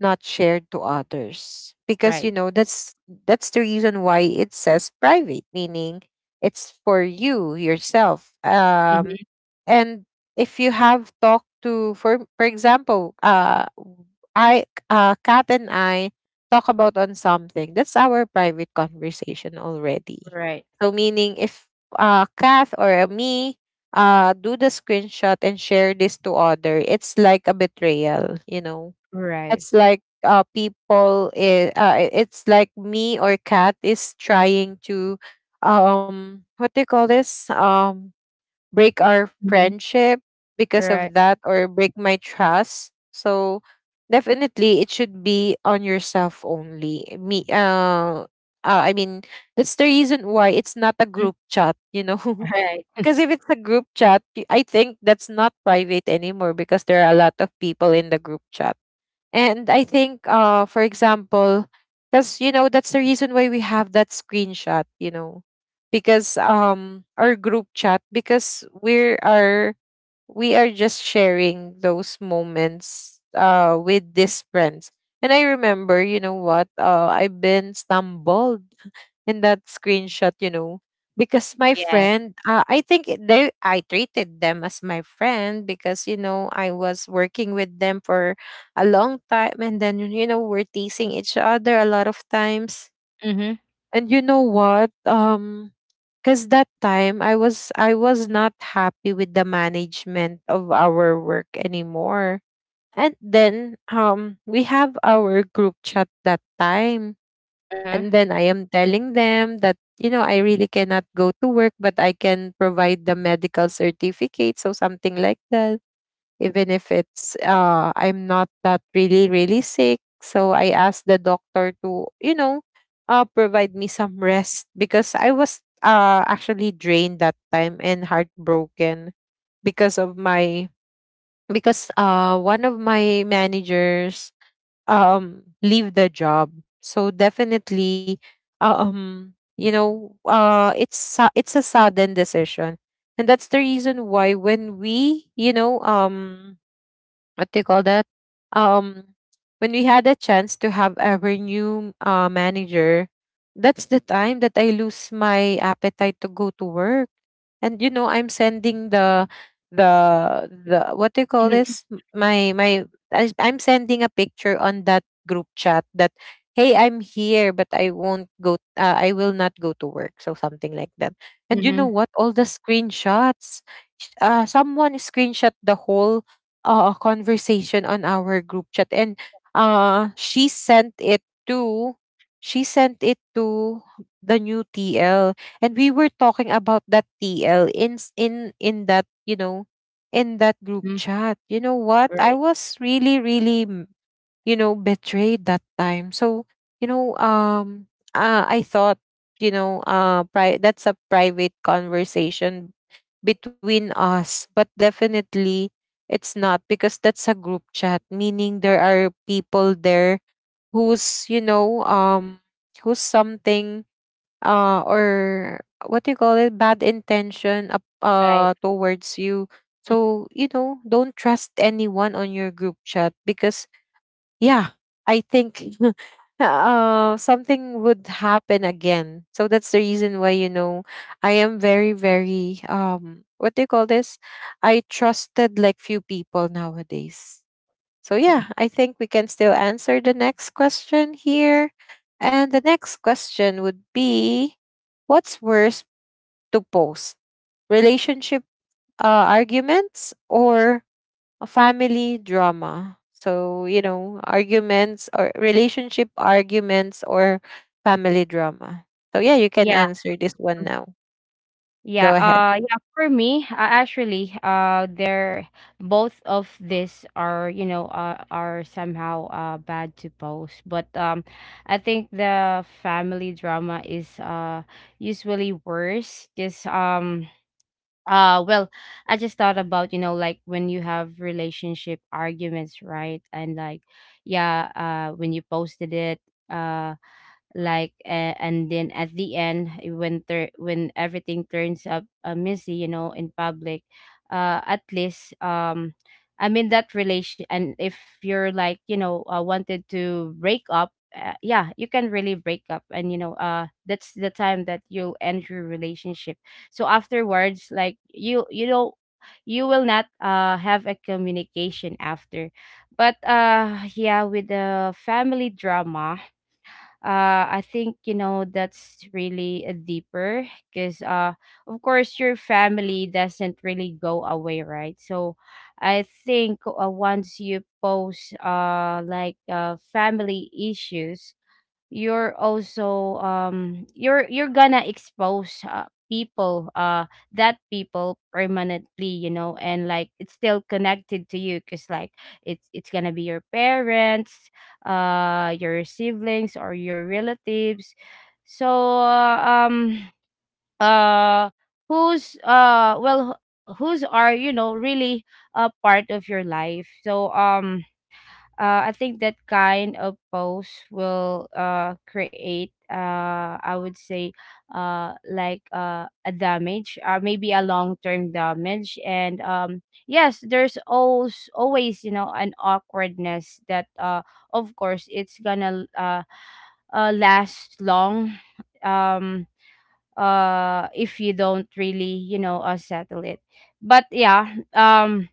Speaker 1: not shared to others, because
Speaker 2: Right.
Speaker 1: you know that's the reason why it says private, meaning it's for you yourself.
Speaker 2: Mm-hmm.
Speaker 1: And if you have talked to, for example, I, Kat and I talk about on something, that's our private conversation already.
Speaker 2: Right.
Speaker 1: So meaning if, Kath or, me, do the screenshot and share this to other, it's like a betrayal, you know.
Speaker 2: Right.
Speaker 1: It's like, people, it's like me or cat is trying to, what do you call this, break our
Speaker 2: Mm-hmm.
Speaker 1: friendship because
Speaker 2: Right.
Speaker 1: of that, or break my trust. So definitely it should be on yourself only, me, I mean, that's the reason why it's not a
Speaker 2: Mhm.
Speaker 1: group chat, you know.
Speaker 2: Right.
Speaker 1: Because if it's a group chat, I think that's not private anymore, because there are a lot of people in the group chat. And I think, for example, because you know that's the reason why we have that screenshot, you know, because, our group chat, because we are just sharing those moments with these friends. And I remember, you know what, I've been stumbled in that screenshot, you know, because my
Speaker 2: Yeah.
Speaker 1: friend, I think they, I treated them as my friend because, you know, I was working with them for a long time. And then, you know, we're teasing each other a lot of times.
Speaker 2: Mm-hmm.
Speaker 1: And you know what? Because that time I was not happy with the management of our work anymore. And then, we have our group chat that time,
Speaker 2: Uh-huh.
Speaker 1: and then I am telling them that, you know, I really cannot go to work, but I can provide the medical certificate. So something like that. Even if it's, I'm not that really, really sick. So I asked the doctor to, you know, provide me some rest, because I was, actually drained that time and heartbroken because of my, because, one of my managers, leave the job. So definitely, you know, it's a sudden decision. And that's the reason why when we, you know, what do you call that? Um, when we had a chance to have our new, manager, that's the time that I lose my appetite to go to work. And you know, I'm sending the, what do you call this? My my, I'm sending a picture on that group chat that, hey, I'm here, but I won't go. I will not go to work. So something like that. And you
Speaker 2: Mm-hmm.
Speaker 1: know what? All the screenshots. Someone screenshot the whole, conversation on our group chat, and she sent it to, she sent it to the new TL. And we were talking about that TL in in, that, you know, in that group
Speaker 2: Mm-hmm.
Speaker 1: chat. You know what,
Speaker 2: Right.
Speaker 1: I was really, really, mm, you know, betrayed that time. So, you know, I thought, you know, that's a private conversation between us, but definitely it's not, because that's a group chat, meaning there are people there who's, you know, who's something, or what do you call it, bad intention up
Speaker 2: Right.
Speaker 1: towards you. So, you know, don't trust anyone on your group chat, because, yeah, I think, something would happen again. So that's the reason why, you know, I am very, very, what do you call this, I trusted like few people nowadays. So yeah, I think we can still answer the next question here. And the next question would be, what's worse to post, relationship, arguments, or a family drama. So, you know, arguments or relationship arguments, or family drama. So, yeah, you can
Speaker 2: Yeah.
Speaker 1: answer this one now.
Speaker 2: Yeah,
Speaker 1: Go ahead.
Speaker 2: uh yeah, for me, actually, they're both of these are, you know, are somehow bad to post. But I think the family drama is usually worse, cuz uh well, I just thought about, you know, like, when you have relationship arguments, right? And like, yeah, when you posted it, uh and then at the end, when everything turns up messy, you know, in public, at least I mean, that relation, and if you're like, you know, wanted to break up, yeah, you can really break up, and you know, that's the time that you'll end your relationship. So afterwards, like, you know, you will not have a communication after. But yeah, with the family drama, I think, you know, that's really a deeper, because of course, your family doesn't really go away, right? So I think once you post like family issues, you're also you're gonna expose people that, people permanently, you know. And like, it's still connected to you, because like, it's gonna be your parents, your siblings, or your relatives. So uh, um uh who's well, whose are, you know, really a part of your life. So I think that kind of post will create I would say, a damage, or maybe a long term damage. And yes, there's always always, you know, an awkwardness that, of course it's gonna last long. um, if you don't really, you know, settle it. But yeah,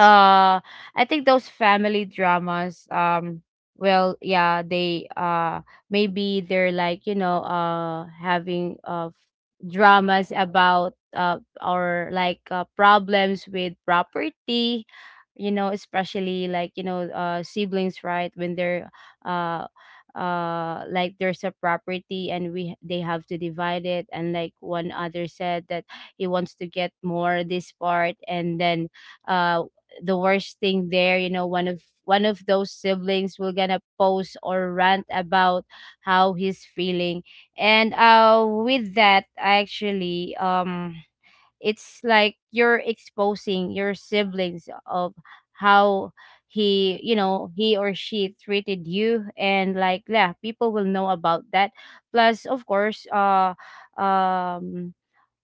Speaker 2: uh I think those family dramas, well, yeah, they maybe they're like, you know, having dramas about or like problems with property, you know, especially like, you know, siblings, right, when they're uh like, there's a property, and we they have to divide it, and like, one other said that he wants to get more this part. And then uh the worst thing there, you know, one of those siblings will gonna post or rant about how he's feeling. And with that actually, it's like you're exposing your siblings of how he, you know, he or she treated you. And like, yeah, people will know about that, plus of course, um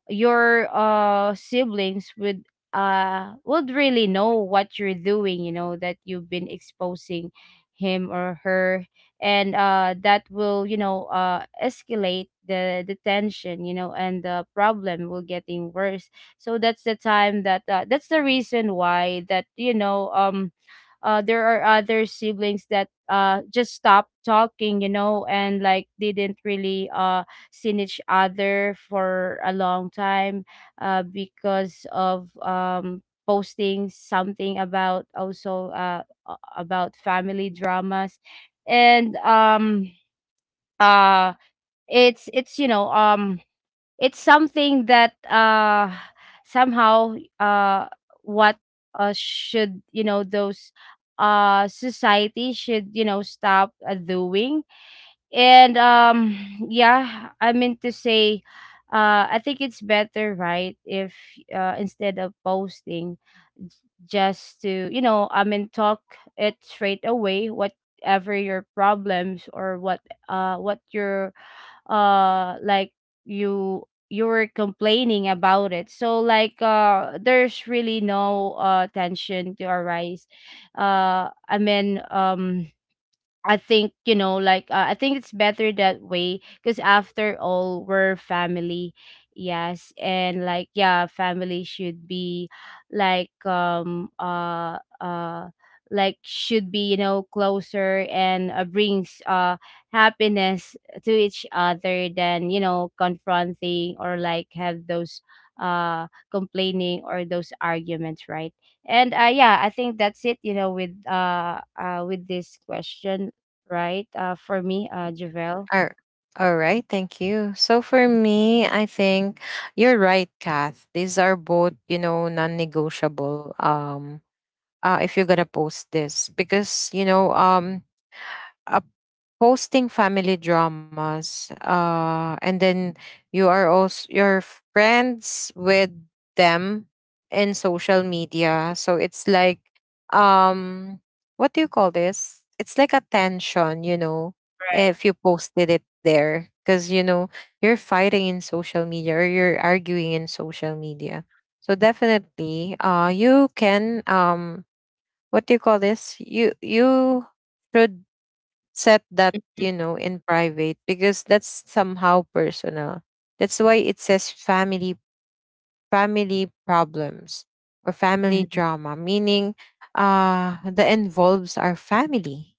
Speaker 2: your siblings would really know what you're doing, you know, that you've been exposing him or her. And that will, you know, escalate the tension, you know, and the problem will getting worse. So that's the time that that's the reason why that, you know, there are other siblings that just stopped talking, you know, and like didn't really seen each other for a long time, because of posting something about, also about family dramas. And uh it's you know, it's something that somehow what should, you know, those society should, you know, stop doing. And yeah, I meant to say, I think it's better, right, if instead of posting, j- just to, you know, I mean, talk it straight away, whatever your problems or what your uh like you you were complaining about it. So like, there's really no tension to arise. I mean, I think, you know, like, I think it's better that way, because after all, we're family. Yes. And like, yeah, family should be like, like, should be, you know, closer, and brings happiness to each other, than, you know, confronting, or like, have those complaining or those arguments, right? And yeah, I think that's it, you know, with this question, right? For me, Javel.
Speaker 1: All, all right, thank you. So for me, I think you're right, Kath. These are both, you know, non-negotiable. If you're gonna post this, because you know, a. hosting family dramas, and then you are also your friends with them in social media, so it's like, um what do you call this, it's like a tension, you know,
Speaker 2: Right.
Speaker 1: if you posted it there, because you know you're fighting in social media, or you're arguing in social media. So definitely, you can, what do you call this, you should set that, you know, in private, because that's somehow personal. That's why it says family, family problems, or family
Speaker 2: Hmm.
Speaker 1: drama, meaning, the involves our family.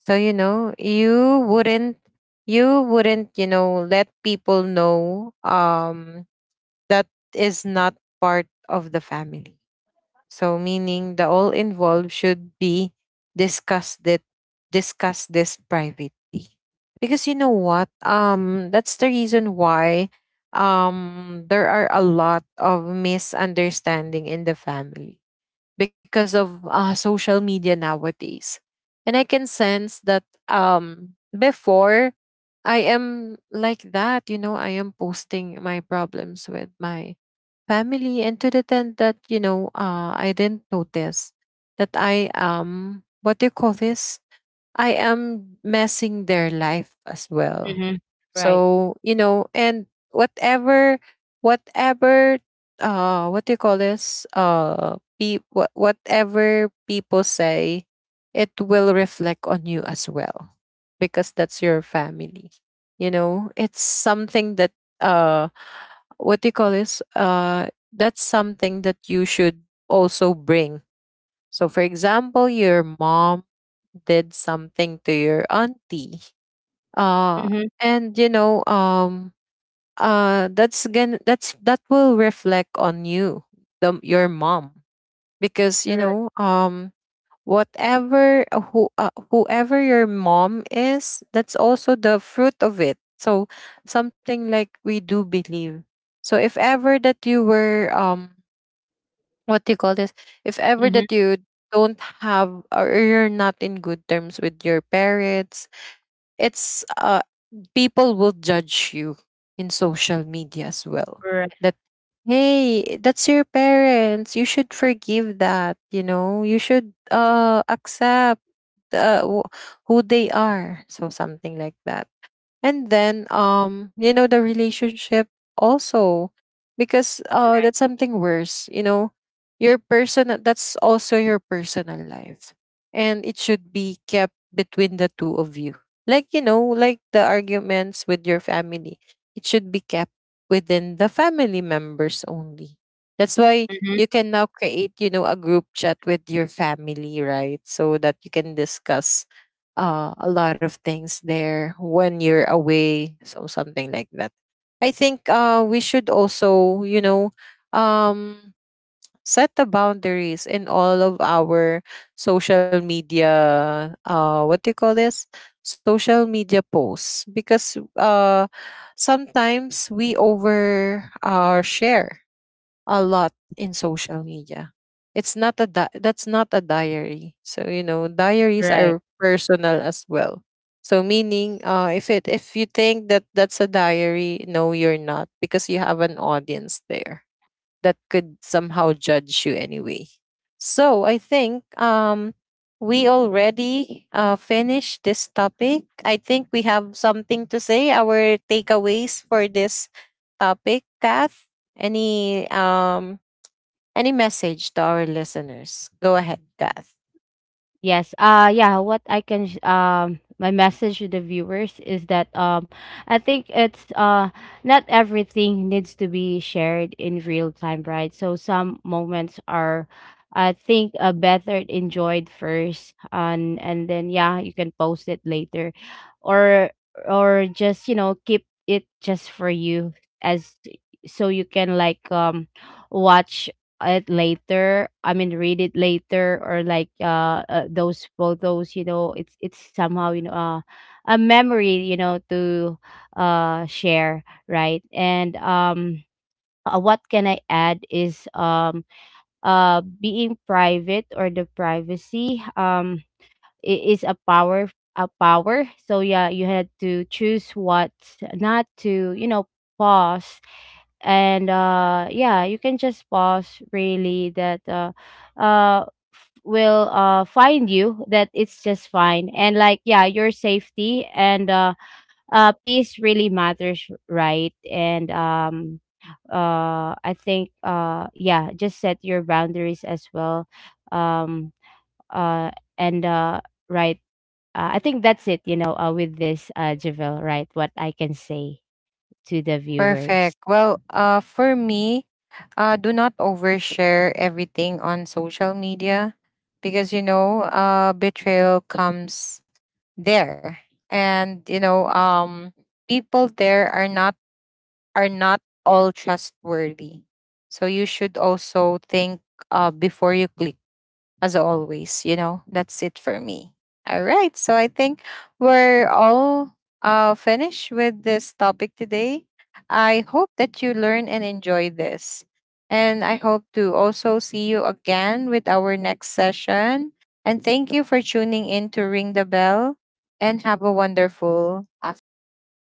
Speaker 1: So you know you wouldn't, you know let people know, that is not part of the family. So meaning the all involved should be discussed. that discuss this privately. Because you know what? That's the reason why, there are a lot of misunderstanding in the family because of, social media nowadays. And I can sense that, before I am like that, you know, I am posting my problems with my family, and to the tent that you know, I didn't notice that I am, what do you call this, I am messing their life as well.
Speaker 2: Mm-hmm. Right.
Speaker 1: So you know, and whatever, whatever what do you call this, whatever people say, it will reflect on you as well, because that's your family. You know, it's something that, uh what do you call this? That's something that you should also bring. So, for example, your mom did something to your auntie, uh,
Speaker 2: Mm-hmm.
Speaker 1: and you know, that's again, that will reflect on you, the your mom, because you
Speaker 2: Right.
Speaker 1: know, whatever, whoever your mom is, that's also the fruit of it. So something like we do believe. So if ever that you were, what do you call this, if ever
Speaker 2: Mm-hmm.
Speaker 1: that you don't have, or you're not in good terms with your parents, it's, people will judge you in social media as well,
Speaker 2: Right.
Speaker 1: that hey, that's your parents, you should forgive that, you know, you should, accept, uh, wh- who they are. So something like that. And then, you know, the relationship also, because,
Speaker 2: Right.
Speaker 1: that's something worse, you know. Your personal, that's also your personal life, and it should be kept between the two of you, like, you know, like the arguments with your family, it should be kept within the family members only. That's why
Speaker 2: Mm-hmm.
Speaker 1: you can now create, you know, a group chat with your family, right, so that you can discuss, a lot of things there when you're away, so something like that. I think, we should also, you know, um, set the boundaries in all of our social media, what do you call this, social media posts, because, sometimes we over, share a lot in social media. It's not a that's not a diary. So you know, diaries
Speaker 2: Right.
Speaker 1: are personal as well. So meaning, if it, if you think that that's a diary, no, you're not, because you have an audience there that could somehow judge you anyway. So I think, we already, finished this topic. I think we have something to say, our takeaways for this topic, Kath. Any, any message to our listeners? Go ahead, Kath.
Speaker 2: Yes. Yeah, what I can my message to the viewers is that, I think it's not everything needs to be shared in real time, right? So some moments are, I think better enjoyed first, and then yeah, you can post it later, or or just, you know, keep it just for you, as, so you can like watch it later, I mean, read it later, or like those photos, you know, it's somehow, you know, a memory, you know, to share, right? And what can I add is, being private, or the privacy, it is a power, a power. So yeah, you had to choose what not to, you know, pause. And yeah, you can just pause really, that uh will find you, that it's just fine. And like, yeah, your safety and peace really matters, right? And I think yeah, just set your boundaries as well. Um uh and right I think that's it, you know, with this, Javel, right? What I can say to the viewers.
Speaker 1: Perfect. Well, for me, do not overshare everything on social media, because you know, betrayal comes there, and you know, people there are not, are not all trustworthy. So you should also think, before you click, as always. You know, that's it for me. All right. So I think we're all, finished with this topic today. I hope that you learn and enjoy this. And I hope to also see you again with our next session. And thank you for tuning in to Ring the Bell, and have a wonderful afternoon.